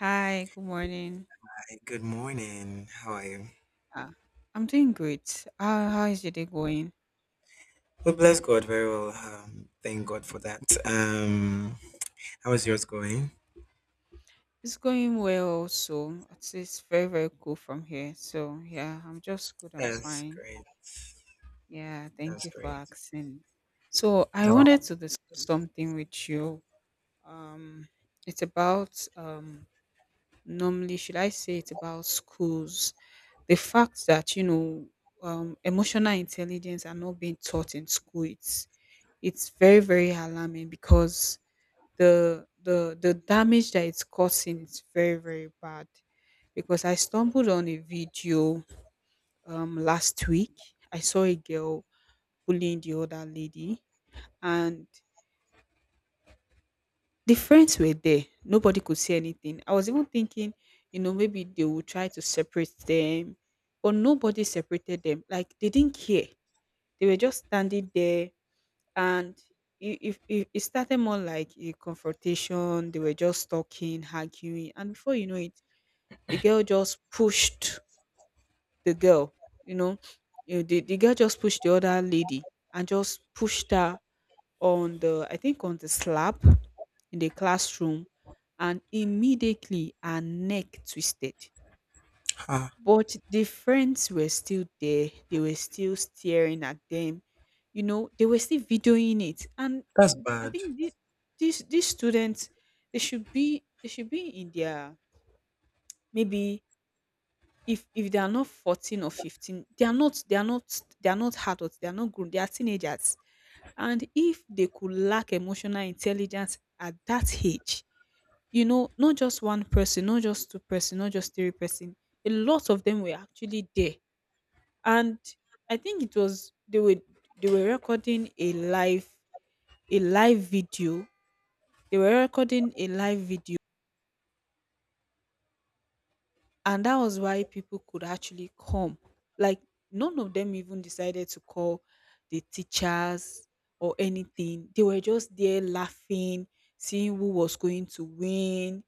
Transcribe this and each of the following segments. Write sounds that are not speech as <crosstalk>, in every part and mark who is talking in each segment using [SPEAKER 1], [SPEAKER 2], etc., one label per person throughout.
[SPEAKER 1] Hi, good morning.
[SPEAKER 2] Hey, good morning. How are you?
[SPEAKER 1] Ah, I'm doing great. How is your day going?
[SPEAKER 2] Well, bless God. Very well. Thank God for that. How is yours going?
[SPEAKER 1] It's going well also. It's very, very cool from here. So, yeah, I'm just good. I'm
[SPEAKER 2] That's
[SPEAKER 1] fine.
[SPEAKER 2] great.
[SPEAKER 1] Yeah, thank
[SPEAKER 2] That's
[SPEAKER 1] you for
[SPEAKER 2] great.
[SPEAKER 1] asking. So, I
[SPEAKER 2] No.
[SPEAKER 1] wanted to discuss something with you. Um, it's about, normally, should I say it's about schools? The fact that, emotional intelligence are not being taught in school, it's very, very alarming, because the damage that it's causing is very very bad, because I stumbled on a video last week. I saw a girl bullying the other lady and the friends were there. Nobody could say anything. I was even thinking, maybe they will try to separate them, but nobody separated them. Like, they didn't care. They were just standing there, and it started more like a confrontation. They were just talking, arguing, and before you know it, the girl just pushed the girl, you know, the girl just pushed the other lady and just pushed her on I think on the slab in the classroom, and immediately her neck twisted.
[SPEAKER 2] ah,
[SPEAKER 1] But the friends were still there. They were still staring at them. They were still videoing it. And
[SPEAKER 2] that's
[SPEAKER 1] I
[SPEAKER 2] bad.
[SPEAKER 1] think this, these students, they should be in their, maybe. If they are not 14 or 15, they are not adults, they are not grown, they are teenagers. And if they could lack emotional intelligence at that age, not just one person, not just two-person, not just three person, a lot of them were actually there. And I think it was they were recording a live video. They were recording a live video, and that was why people could actually come. Like, none of them even decided to call the teachers or anything. They were just there laughing, seeing who was going to win,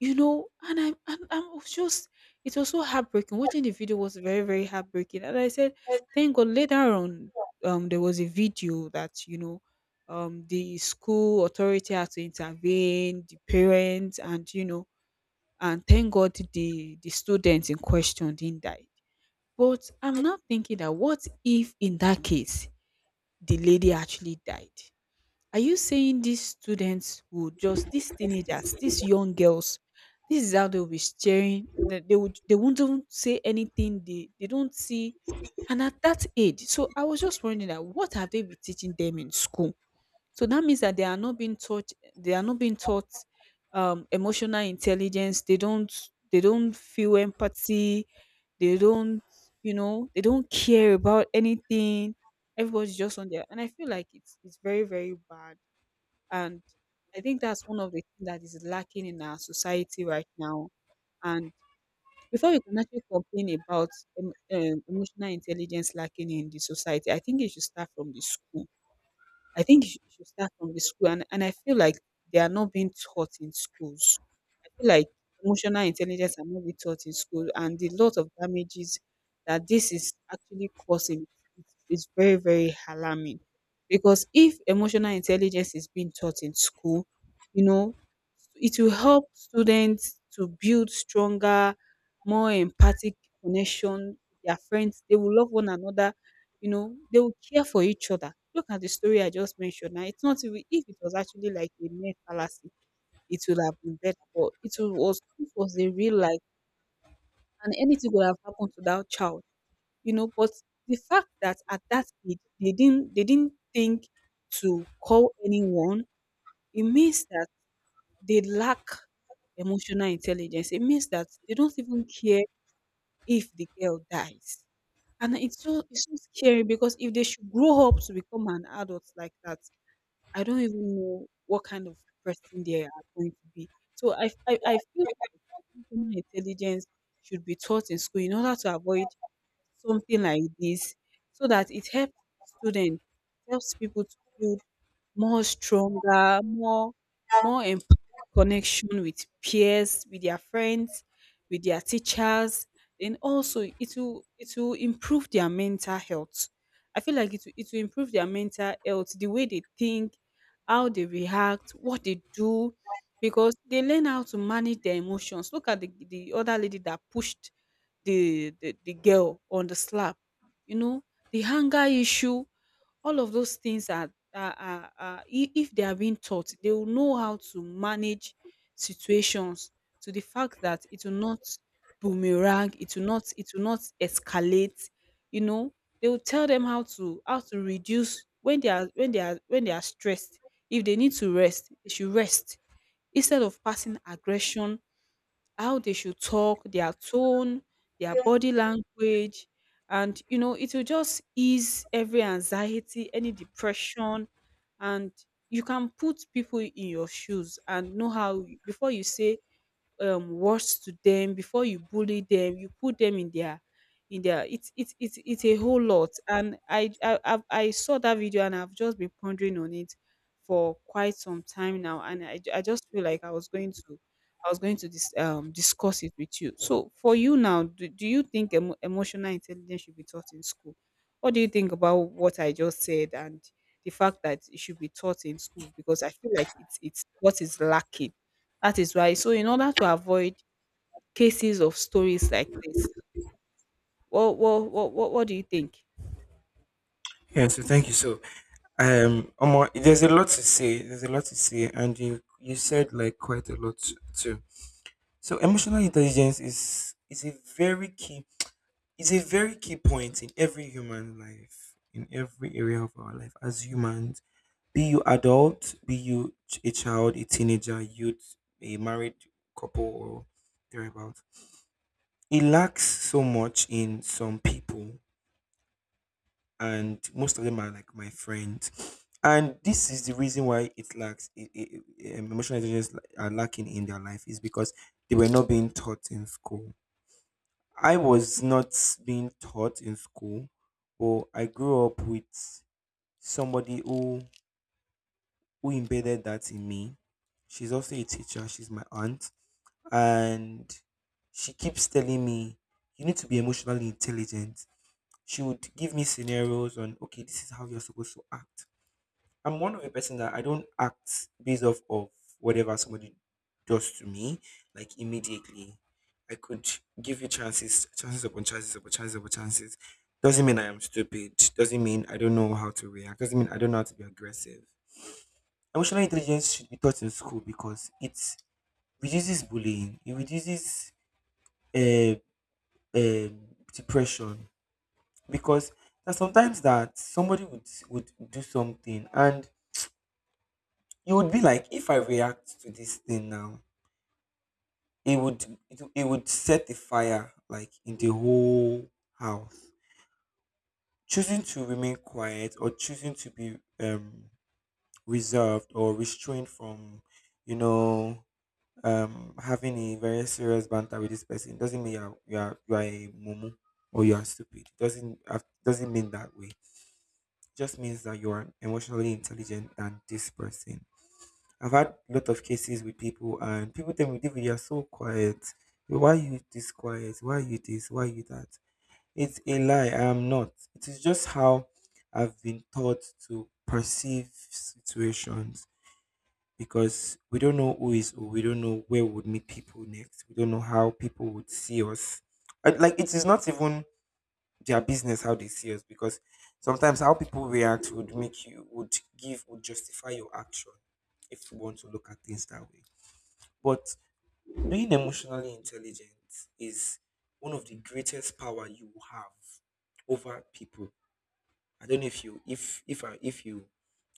[SPEAKER 1] and I was just it was so heartbreaking. Watching the video was very very heartbreaking, and I said, thank God, later on there was a video that, the school authority had to intervene, the parents, and, and thank God the student in question didn't die. But I'm now thinking, that what if in that case the lady actually died? Are you saying these students will just, these teenagers, these young girls, this is how they will be staring, that they won't even say anything, they don't see, and at that age? So I was just wondering, that what have they been teaching them in school? So that means that they are not being taught, they are not being taught emotional intelligence. They don't feel empathy. They don't, they don't care about anything. Everybody's just on there. And I feel like it's very, very bad. And I think that's one of the things that is lacking in our society right now. And before we can actually complain about um, emotional intelligence lacking in the society, I think it should start from the school. I think it should start from the school, and I feel like they are not being taught in schools. I feel like emotional intelligence are not being taught in school, and the lot of damages that this is actually causing is very, very alarming. Because if emotional intelligence is being taught in school, you know, it will help students to build stronger, more empathic connection with their friends. They will love one another, they will care for each other. Look at the story I just mentioned. Now, it's not, even if it was actually like a mere fallacy, it would have been better. But it was a real life, and anything would have happened to that child. But the fact that at that age they didn't think to call anyone, it means that they lack emotional intelligence. It means that they don't even care if the girl dies. And it's so scary, because if they should grow up to become an adult like that, I don't even know what kind of person they are going to be. So I feel emotional intelligence should be taught in school in order to avoid something like this, so that it helps students, helps people to build more stronger, more emp- connection with peers, with their friends, with their teachers. And also, it will improve their mental health. I feel like it will improve their mental health, the way they think, how they react, what they do, because they learn how to manage their emotions. Look at the other lady that pushed the girl on the slap, you know the hunger issue, all of those things are, if they are being taught, they will know how to manage situations, to the fact that it will not boomerang, it will not escalate. you know they will tell them how to reduce when they are stressed. If they need to rest, they should rest, instead of passing aggression. How they should talk, their tone, their body language. And, it will just ease every anxiety, any depression. And you can put people in your shoes and know how, before you say, words to them, before you bully them, you put them in their, it's a whole lot. And I saw that video, and I've just been pondering on it for quite some time now. And I just feel like I was going to discuss it with you. So for you now, do you think emotional intelligence should be taught in school? What do you think about what I just said, and the fact that it should be taught in school, because I feel like it's what is lacking, that is why? So in order to avoid cases of stories like this, what do you think?
[SPEAKER 2] Yeah. So thank you. So Omo, there's a lot to say. There's a lot to say, and you said like quite a lot too. So emotional intelligence is a very key point in every human life, in every area of our life as humans. Be you adult, be you a child, a teenager, youth, a married couple, or thereabout. It lacks so much in some people, and most of them are like my friends. And this is the reason why it lacks emotional intelligence are lacking in their life is because they were not being taught in school. I was not being taught in school, but I grew up with somebody who embedded that in me. She's also a teacher, she's my aunt, and she keeps telling me, "You need to be emotionally intelligent." She would give me scenarios on, okay, this is how you're supposed to act. I'm one of a person that I don't act based off of whatever somebody does to me, like immediately. I could give you chances, chances upon chances upon chances upon chances. Doesn't mean I am stupid. Doesn't mean I don't know how to react. Doesn't mean I don't know how to be aggressive. Emotional intelligence should be taught in school because it reduces bullying, it reduces uh, um depression. Because there's sometimes that somebody would do something and you would be like, if I react to this thing now, it would set the fire like in the whole house. Choosing to remain quiet or choosing to be reserved or restrained from, you know, having a very serious banter with this person doesn't mean you are a mumu or you are stupid. It doesn't mean that way. It just means that you are emotionally intelligent than this person. I've had a lot of cases with people, and people tell me, "David, you are so quiet. Why are you this quiet? Why are you this? Why are you that?" It's a lie. I am not. It is just how I've been taught to perceive situations because we don't know who is who. We don't know where we would meet people next. We don't know how people would see us. And, like, it is not even their business how they see us because sometimes how people react would make you would give would justify your action if you want to look at things that way. But being emotionally intelligent is one of the greatest power you have over people. I don't know if you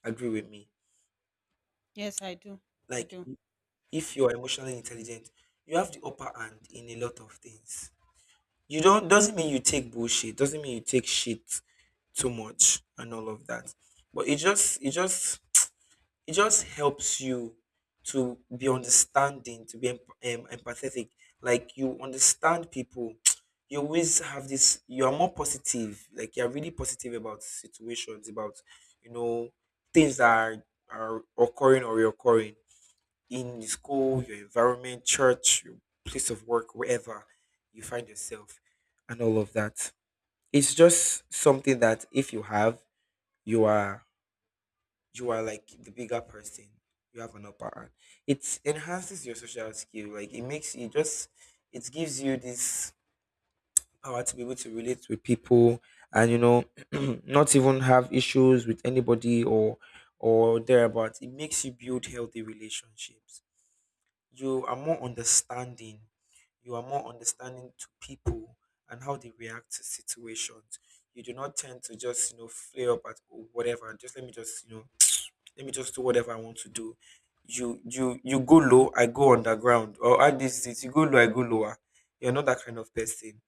[SPEAKER 2] agree with me.
[SPEAKER 1] Yes, I do. I
[SPEAKER 2] Like,
[SPEAKER 1] do.
[SPEAKER 2] if you are emotionally intelligent, you have the upper hand in a lot of things. You don't doesn't mean you take bullshit, doesn't mean you take shit too much and all of that. But it just helps you to be understanding, to be empathetic. Like, you understand people, <tsk> you always have this. You are more positive. Like, you are really positive about situations, about you know things that are occurring or reoccurring in school, your environment, church, your place of work, wherever you find yourself, and all of that. It's just something that if you have, you are you are like the bigger person. You have an upper hand. It enhances your social skill. Like, it makes you just it gives you this power to be able to relate with people, and <clears throat> not even have issues with anybody or thereabouts. It makes you build healthy relationships. You are more understanding you are more understanding to people and how they react to situations. You do not tend to just flare up at, "Oh, whatever, just let me just let me just do whatever I want to do. You go low, I go underground," or at this is it, "you go low, I go lower." You're not that kind of person.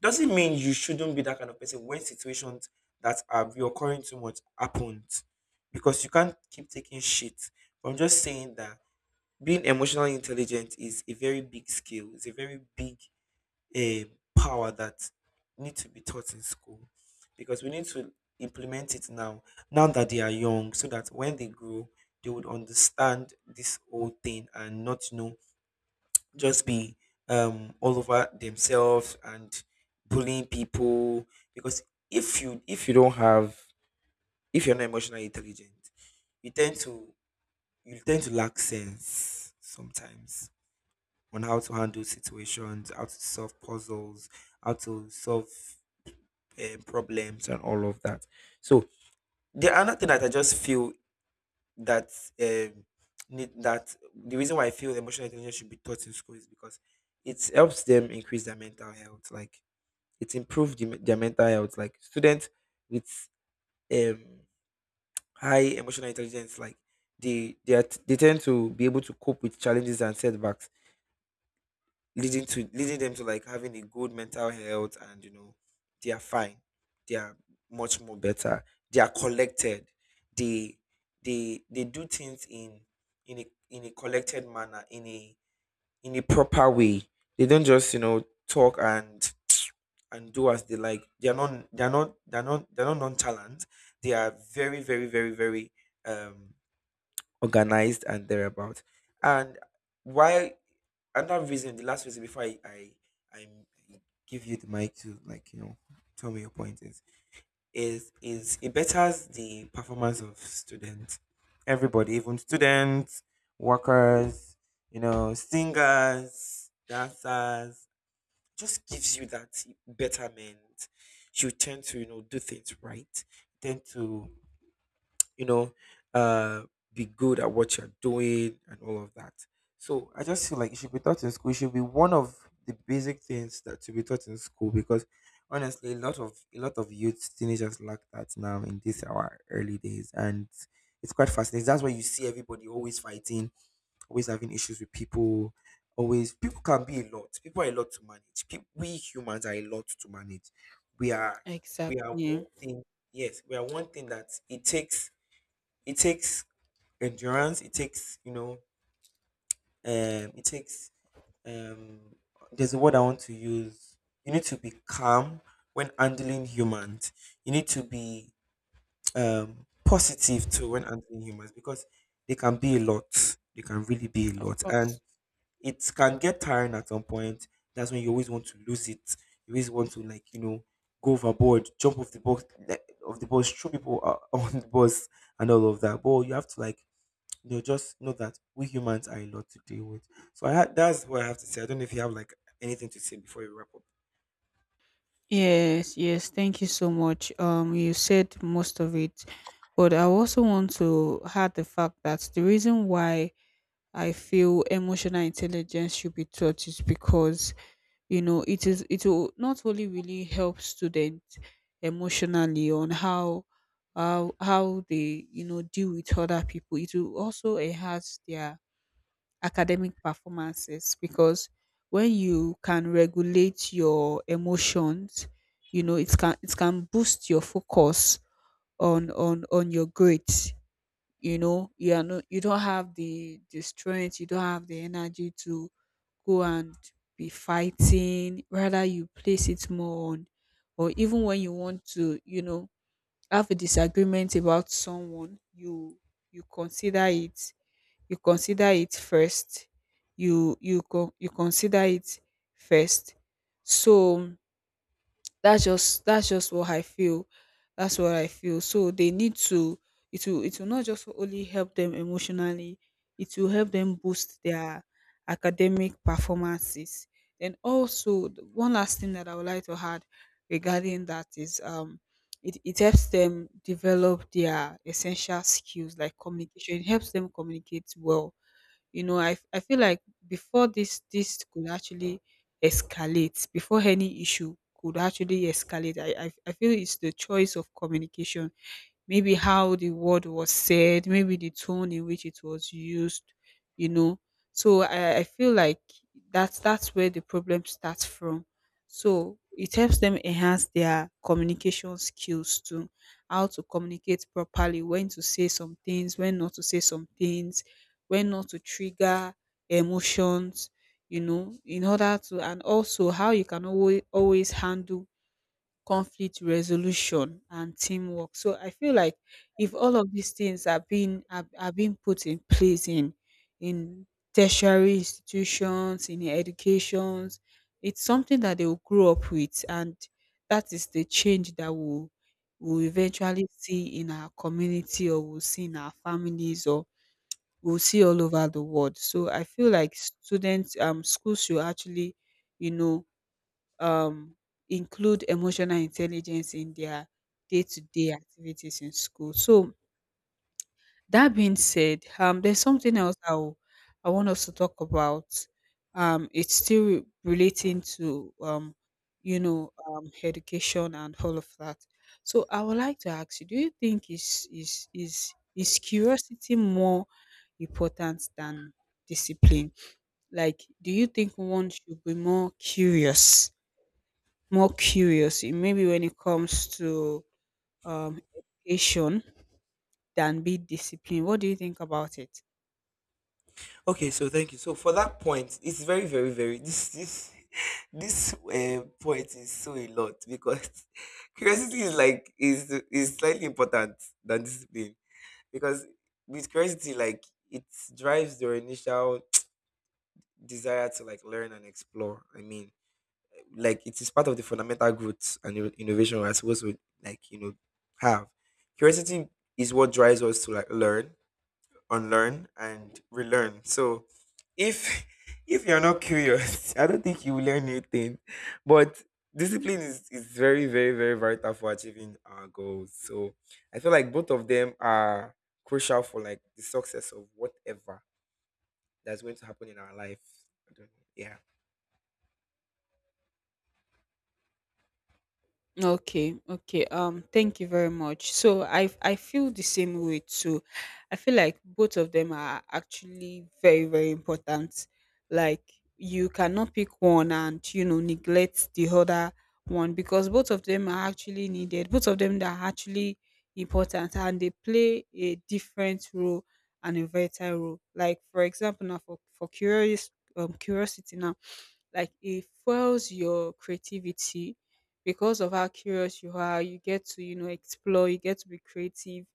[SPEAKER 2] Doesn't mean you shouldn't be that kind of person when situations that are reoccurring too much happens, because you can't keep taking shit. But I'm just saying that being emotionally intelligent is a very big skill. It's a very big eh, power that need to be taught in school, because we need to implement it now, now that they are young, so that when they grow, they would understand this whole thing and not just be all over themselves and bullying people. Because if you if you don't have if you're not emotionally intelligent, you tend to you tend to lack sense sometimes on how to handle situations, how to solve puzzles, how to solve problems, and all of that. So the another thing that I just feel that um, need that the reason why I feel emotional intelligence should be taught in school is because it helps them increase their mental health. Like, it improves their mental health. Like, students with um, high emotional intelligence, like, they tend to be able to cope with challenges and setbacks, leading them to, like, having a good mental health. And they are fine, they are much more better, they are collected. They They do things in a collected manner, in a proper way. They don't just talk and do as they like. They're not nonchalant. They are very, very, very, very um organized and thereabout. And why another reason, the last reason before I give you the mic to, like, tell me your point, is it betters the performance of students, everybody, even students, workers, singers, dancers, just gives you that betterment. You tend to do things right, tend to you know, uh, be good at what you're doing and all of that. So I just feel like it should be taught in school. It should be one of the basic things that should be taught in school, because honestly, a lot of youth teenagers lack that now in these our early days, and it's quite fascinating. That's why you see everybody always fighting, always having issues with people. Always, people can be a lot. People are a lot to manage. People, we humans are a lot to manage. We are, we are
[SPEAKER 1] Exactly.
[SPEAKER 2] one thing. Yes, we are one thing that it takes endurance, it takes, it takes, um there's a word I want to use. You need to be calm when handling humans. You need to be positive too when handling humans, because they can be a lot, they can really be a
[SPEAKER 1] Of
[SPEAKER 2] lot, and
[SPEAKER 1] course.
[SPEAKER 2] it can get tiring at some point. That's when you always want to lose it, you always want to, like, go overboard, jump off the box, of the bus, throw people <laughs> on the bus and all of that. But you have to, they'll just know that we humans are a lot to deal with. So I had that's what I have to say. I don't know if you have, anything to say before you wrap up.
[SPEAKER 1] Yes, yes. Thank you so much. You said most of it, but I also want to add the fact that the reason why I feel emotional intelligence should be taught is because, it will not only really help students emotionally on how they, deal with other people, it will also enhance their academic performances. Because when you can regulate your emotions, it can boost your focus on your grades. You are not You don't have the strength, you don't have the energy to go and be fighting, rather you place it more on, or even when you want to, have a disagreement about someone, you you consider it you consider it first you consider it first. So that's just what I feel. That's what I feel. So, they need to it will not just only help them emotionally, it will help them boost their academic performances. And also, the one last thing that I would like to add regarding that is, it helps them develop their essential skills like communication. It helps them communicate well. I feel like, before this could actually escalate, before any issue could actually escalate, I feel it's the choice of communication, maybe how the word was said, maybe the tone in which it was used, you know. So I feel like that's where the problem starts from. So it helps them enhance their communication skills too, how to communicate properly, when to say some things, when not to say some things, when not to trigger emotions, in order to, and also how you can always handle conflict resolution and teamwork. So I feel like if all of these things are being put in place in in tertiary institutions, in educations, it's something that they will grow up with, and that is the change that will eventually see in our community, or we'll see in our families, or we'll see all over the world. So I feel like students schools should actually, you know, um, include emotional intelligence in their day-to-day activities in school. So that being said, there's something else I want us to talk about. It's still relating to, education and all of that. So I would like to ask you: do you think is curiosity more important than discipline? Like, do you think one should be more curious maybe when it comes to um, education than be disciplined? What do you think about it?
[SPEAKER 2] Okay, so thank you. So for that point, it's very, very, very this <laughs> this point is so a lot because <laughs> curiosity is like is slightly important than discipline, because with curiosity, it drives your initial <tsk> desire to, like, learn and explore. I mean, like, it is part of the fundamental growth and innovation we're supposed to, like, have. Curiosity is what drives us to, like, learn, unlearn, and relearn. So if <laughs> if you're not curious <laughs> I don't think you will learn anything. But discipline is very, very, very vital for achieving our goals. So I feel like both of them are crucial for, like, the success of whatever that's going to happen in our life. I don't know. Yeah.
[SPEAKER 1] Okay, okay. Thank you very much. So I feel the same way too. I feel like both of them are actually very, very important. Like, you cannot pick one and, you know, neglect the other one because both of them are actually needed. Both of them are actually important and they play a different role and a vital role. Like for example, now for curious curiosity now, like, it fuels your creativity because of how curious you are. You get to, you know, explore, you get to be creative,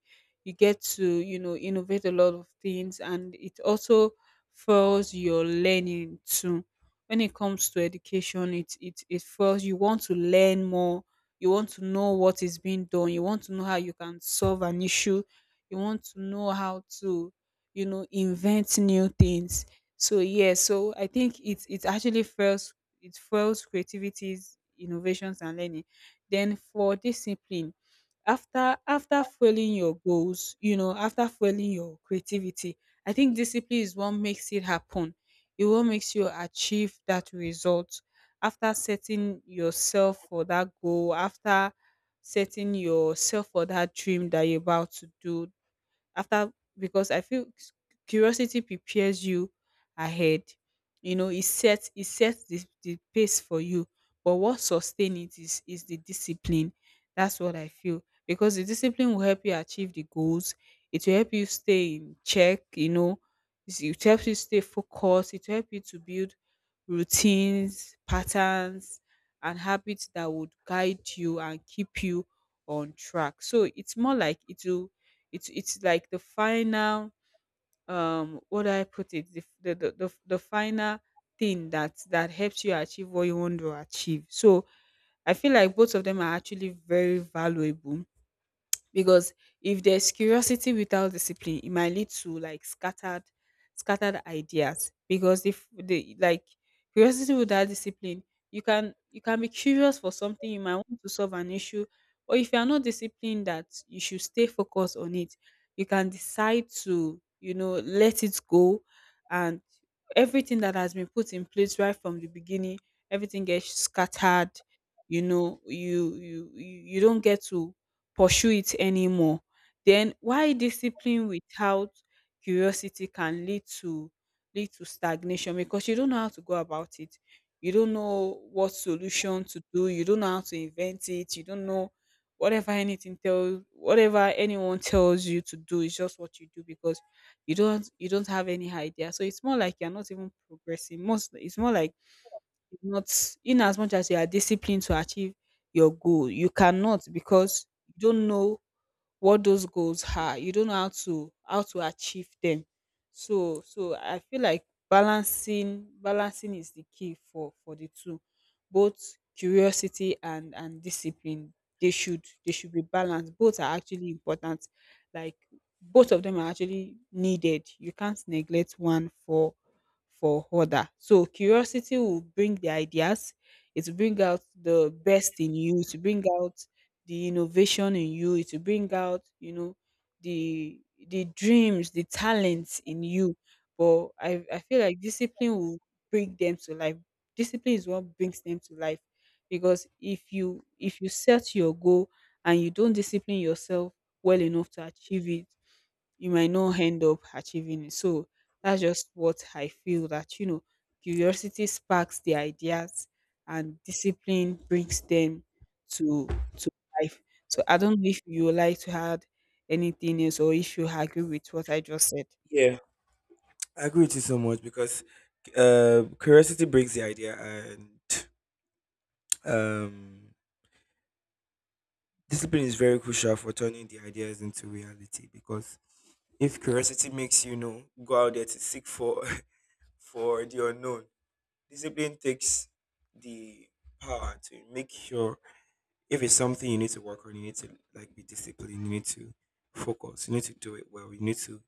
[SPEAKER 1] you get to, you know, innovate a lot of things. And it also fuels your learning too. When it comes to education, it fuels you want to learn more. You want to know what is being done. You want to know how you can solve an issue. You want to know how to, you know, invent new things. So yeah, so I think it actually fuels creativities, innovations and learning. Then for discipline, after fueling your goals, you know, after fueling your creativity, I think discipline is what makes it happen. It what makes you achieve that result. After setting yourself for that goal, after setting yourself for that dream that you're about to do, after, because I feel s- curiosity prepares you ahead. You know, it sets the pace for you. But what sustain it is the discipline. That's what I feel. Because the discipline will help you achieve the goals. It will help you stay in check, you know. It helps you stay focused. It will help you to build routines, patterns, and habits that would guide you and keep you on track. So it's more like it will, it's like the final, what do I put it, the the final thing that helps you achieve what you want to achieve. So I feel like both of them are actually very valuable because if there's curiosity without discipline, it might lead to like scattered ideas. Because if the, like, curiosity without discipline, you can be curious for something, you might want to solve an issue, or if you are not disciplined that you should stay focused on it, you can decide to, you know, let it go, and everything that has been put in place right from the beginning, everything gets scattered. You know, you don't get to pursue it anymore. Then why discipline without curiosity can lead to stagnation, because you don't know how to go about it. You don't know what solution to do. You don't know how to invent it. You don't know whatever anyone tells you to do is just what you do, because you don't have any idea. So it's more like you're not even progressing. Most It's more like you're not, in as much as you are disciplined to achieve your goal, you cannot, because you don't know what those goals are, you don't know how to achieve them. So I feel like balancing is the key for the two. Both curiosity and discipline, they should be balanced. Both are actually important. Like, both of them are actually needed. You can't neglect one for other. So curiosity will bring the ideas, it will bring out the best in you, to bring out the innovation in you, it will bring out, you know, the the dreams, the talents in you. But I feel like discipline will bring them to life. Discipline is what brings them to life, because if you set your goal and you don't discipline yourself well enough to achieve it, you might not end up achieving it. So that's just what I feel, that, you know, curiosity sparks the ideas and discipline brings them to life. So I don't know if you would like to add anything else or if you agree with what I just said.
[SPEAKER 2] Yeah, I agree with you so much, because curiosity brings the idea, and um, discipline is very crucial for turning the ideas into reality. Because if curiosity makes, go out there to seek for <laughs> for the unknown, discipline takes the power to make sure if it's something you need to work on, you need to, like, be disciplined, you need to focus, you need to do it well, you need to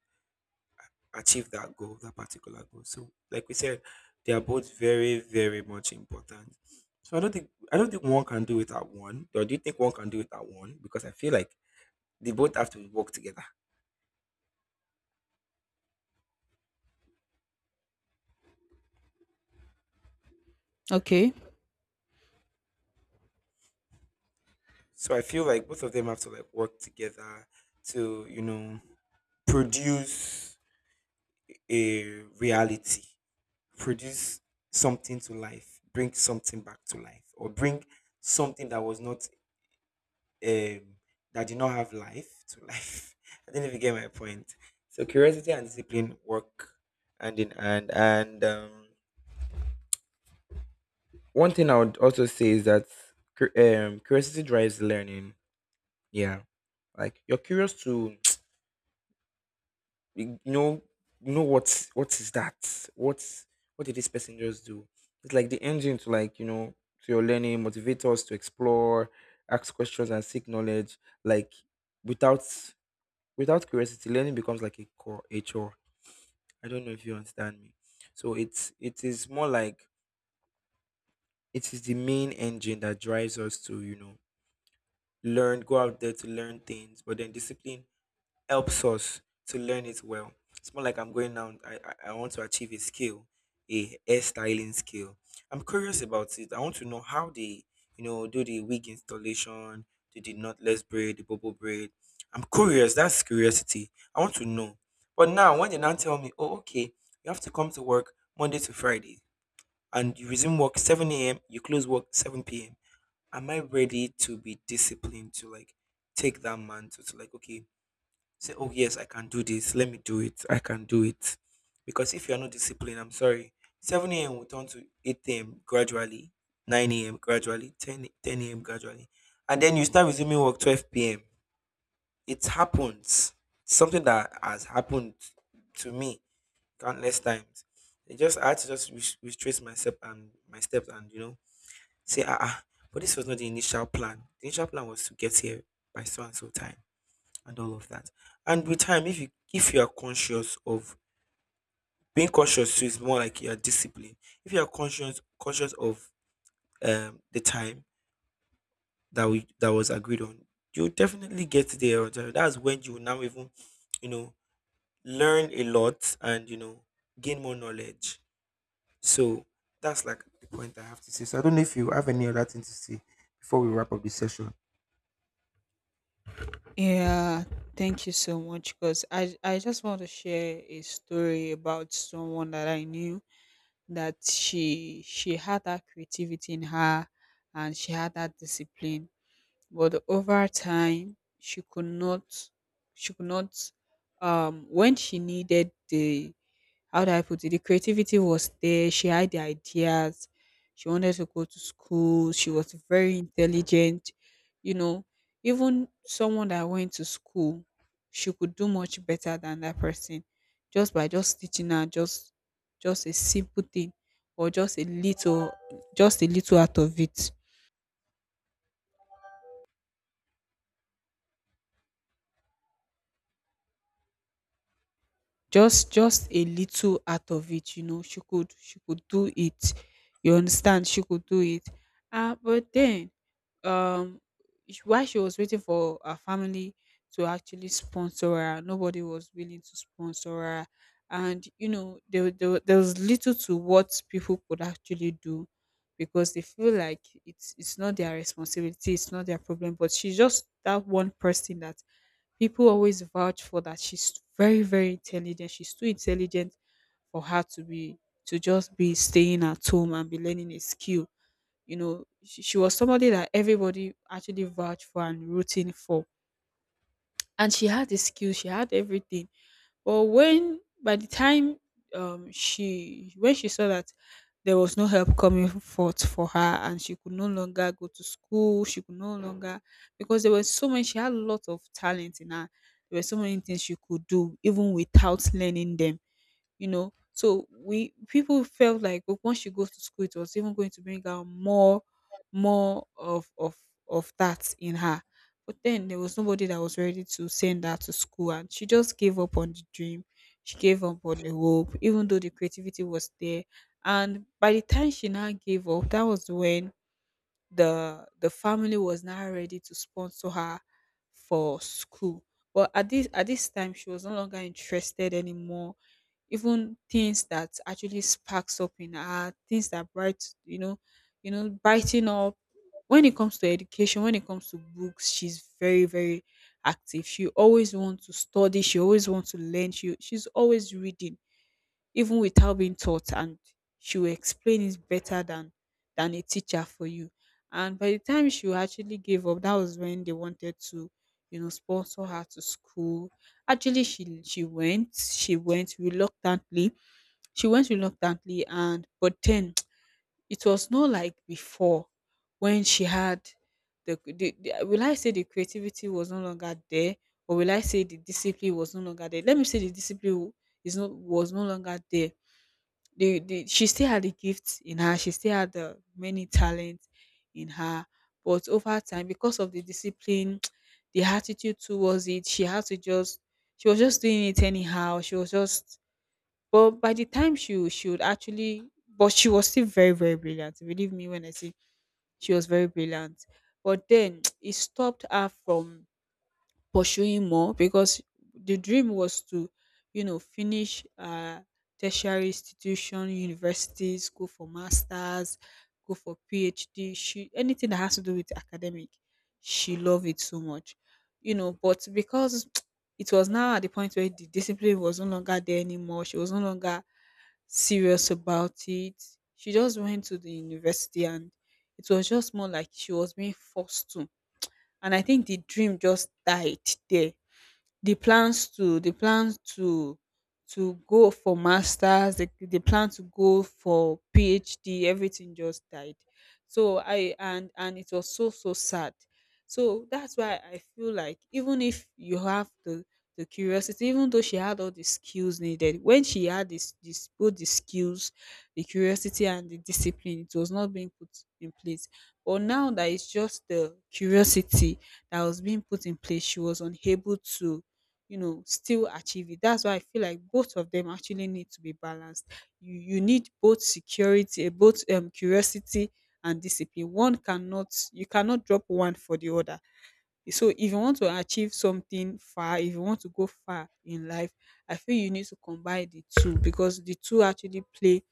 [SPEAKER 2] achieve that goal, that particular goal. So, like we said, they are both very, very much important. So I don't think one can do without one. Or do you think one can do without one? Because I feel like they both have to work together.
[SPEAKER 1] Okay.
[SPEAKER 2] So I feel like both of them have to, like, work together to, produce a reality, produce something to life, bring something back to life, or bring something um, that did not have life to life. <laughs> I don't know if you get my point. So curiosity and discipline work hand in hand. And, one thing I would also say is that curiosity drives learning. Yeah, like, you're curious to <tsk> you know you know what is that what did this person just do? It's like the engine to, like, to your learning, motivate us to explore, ask questions, and seek knowledge. Like, without without curiosity, learning becomes like a chore. I don't know if you understand me. So it is more like it is the main engine that drives us to, learn, go out there to learn things. But then discipline helps us to learn it well. It's more like I'm going now. I want to achieve a skill, a hairstyling skill. I'm curious about it. I want to know how they, do the wig installation, do the knotless braid, the bubble braid. I'm curious. That's curiosity. I want to know. But now, when they now tell me, oh, okay, you have to come to work Monday to Friday, and you resume work 7 a.m., you close work 7 p.m. Am I ready to be disciplined to, like, take that mantle to, like, okay, say, oh yes, I can do this. Let me do it. I can do it. Because if you're not disciplined, I'm sorry, 7 a.m. will turn to 8 a.m. gradually, 9 a.m. gradually, ten a.m. gradually. And then you start resuming work 12 p.m. It happens. Something that has happened to me countless times. It just I had to just retrace myself and my steps and, say, ah ah. But this was not the initial plan. The initial plan was to get here by so and so time and all of that. And with time, if you are conscious of being conscious, so it's more like you are disciplined. If you are conscious of the time that was agreed on, you definitely get there. That's when you will now even, you know learn a lot, and, gain more knowledge. So that's like the point I have to say. So I don't know if you have any other thing to say before we wrap up the session.
[SPEAKER 1] Yeah, thank you so much because I just want to share a story about someone that I knew, that she had that creativity in her and she had that discipline, but over time, she could not, when she needed the, how do I put it, the creativity was there. She had the ideas. She wanted to go to school. She was very intelligent. You know, even someone that went to school, she could do much better than that person just by just teaching her just a simple thing, or just a little, just a little out of it just a little out of it, you know, she could do it. You understand, she could do it. Ah, but then, um while she was waiting for her family to actually sponsor her, nobody was willing to sponsor her. And you know, there was little to what people could actually do, because they feel like it's not their responsibility, it's not their problem. But she's just that one person that people always vouch for, that she's very very intelligent, she's too intelligent for her to be, to just be staying at home and be learning a skill. You know, she was somebody that everybody actually vouched for and rooting for. And she had the skills, she had everything. But when by the time, she when she saw that there was no help coming forth for her and she could no longer go to school, she could no longer, because there were so many, she had a lot of talent in her. There were so many things she could do even without learning them, you know. So we, people felt like, once she goes to school, it was even going to bring out more, more of of that in her. But then there was nobody that was ready to send her to school, and she just gave up on the dream. She gave up on the hope, even though the creativity was there. And by the time she now gave up, that was when the family was now ready to sponsor her for school. But at this time, she was no longer interested anymore. Even things that actually sparks up in her, things that bright, you know, brighten up. When it comes to education, when it comes to books, she's very, very active. She always wants to study. She always wants to learn. She's always reading even without being taught, and she will explain it better than a teacher for you. And by the time she actually gave up, that was when they wanted to, you know, sponsor her to school. Actually, she went, she went reluctantly, and but then <tsk> it was not like before. When she had the, will I say the creativity was no longer there, or will I say the discipline was no longer there. Let me say the discipline w- is not was no longer there. The, she still had the gifts in her, she still had the many talents in her. But over time, because of the discipline, <tsk> the attitude towards it, she had to just, she was just doing it anyhow, she was just but by the time she would actually, but she was still very very brilliant. Believe me when I say she was very brilliant. But then <tsk> it stopped her from pursuing more, because the dream was to, you know, finish tertiary institution, universities, go for masters, go for PhD. She, anything that has to do with academic, she loved it so much, you know. But because <tsk> it was now at the point where the discipline was no longer there anymore, she was no longer serious about it. She just went to the university and it was just more like she was being forced to, and I think the dream just died there. They plans to go for masters, they plan to go for PhD, everything just died. So I, and it was so sad. So that's why I feel like even if you have the curiosity, even though she had all the skills needed, when she had this both the skills, the curiosity and the discipline, it was not being put in place. But now that it's just the curiosity that was being put in place, she was unable to, you know, still achieve it. That's why I feel like both of them actually need to be balanced. You need both security, eh, both, curiosity and discipline. One cannot, you cannot drop one for the other. So if you want to achieve something far, if you want to go far in life, I feel you need to combine the two, because the two actually play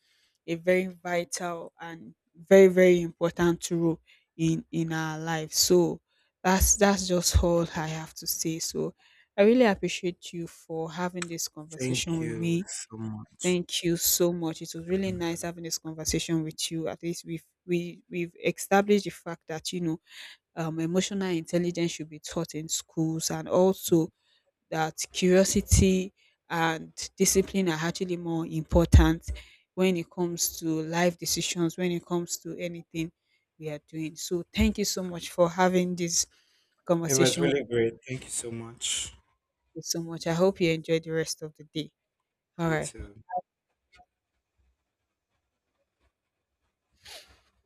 [SPEAKER 1] a very vital and very very important role in our life. So that's just all I have to say. So I really appreciate you for having this
[SPEAKER 2] Thank
[SPEAKER 1] conversation with
[SPEAKER 2] you
[SPEAKER 1] me.
[SPEAKER 2] so much.
[SPEAKER 1] Thank you so much. It was really nice having this conversation with you. At least we've established the fact that, you know, emotional intelligence should be taught in schools, and also that curiosity and discipline are actually more important when it comes to life decisions, when it comes to anything we are doing. So thank you so much for having this
[SPEAKER 2] It was
[SPEAKER 1] conversation with
[SPEAKER 2] really great. Thank you so much.
[SPEAKER 1] me so much. I hope you enjoy the rest of the day. All
[SPEAKER 2] You
[SPEAKER 1] right.
[SPEAKER 2] too.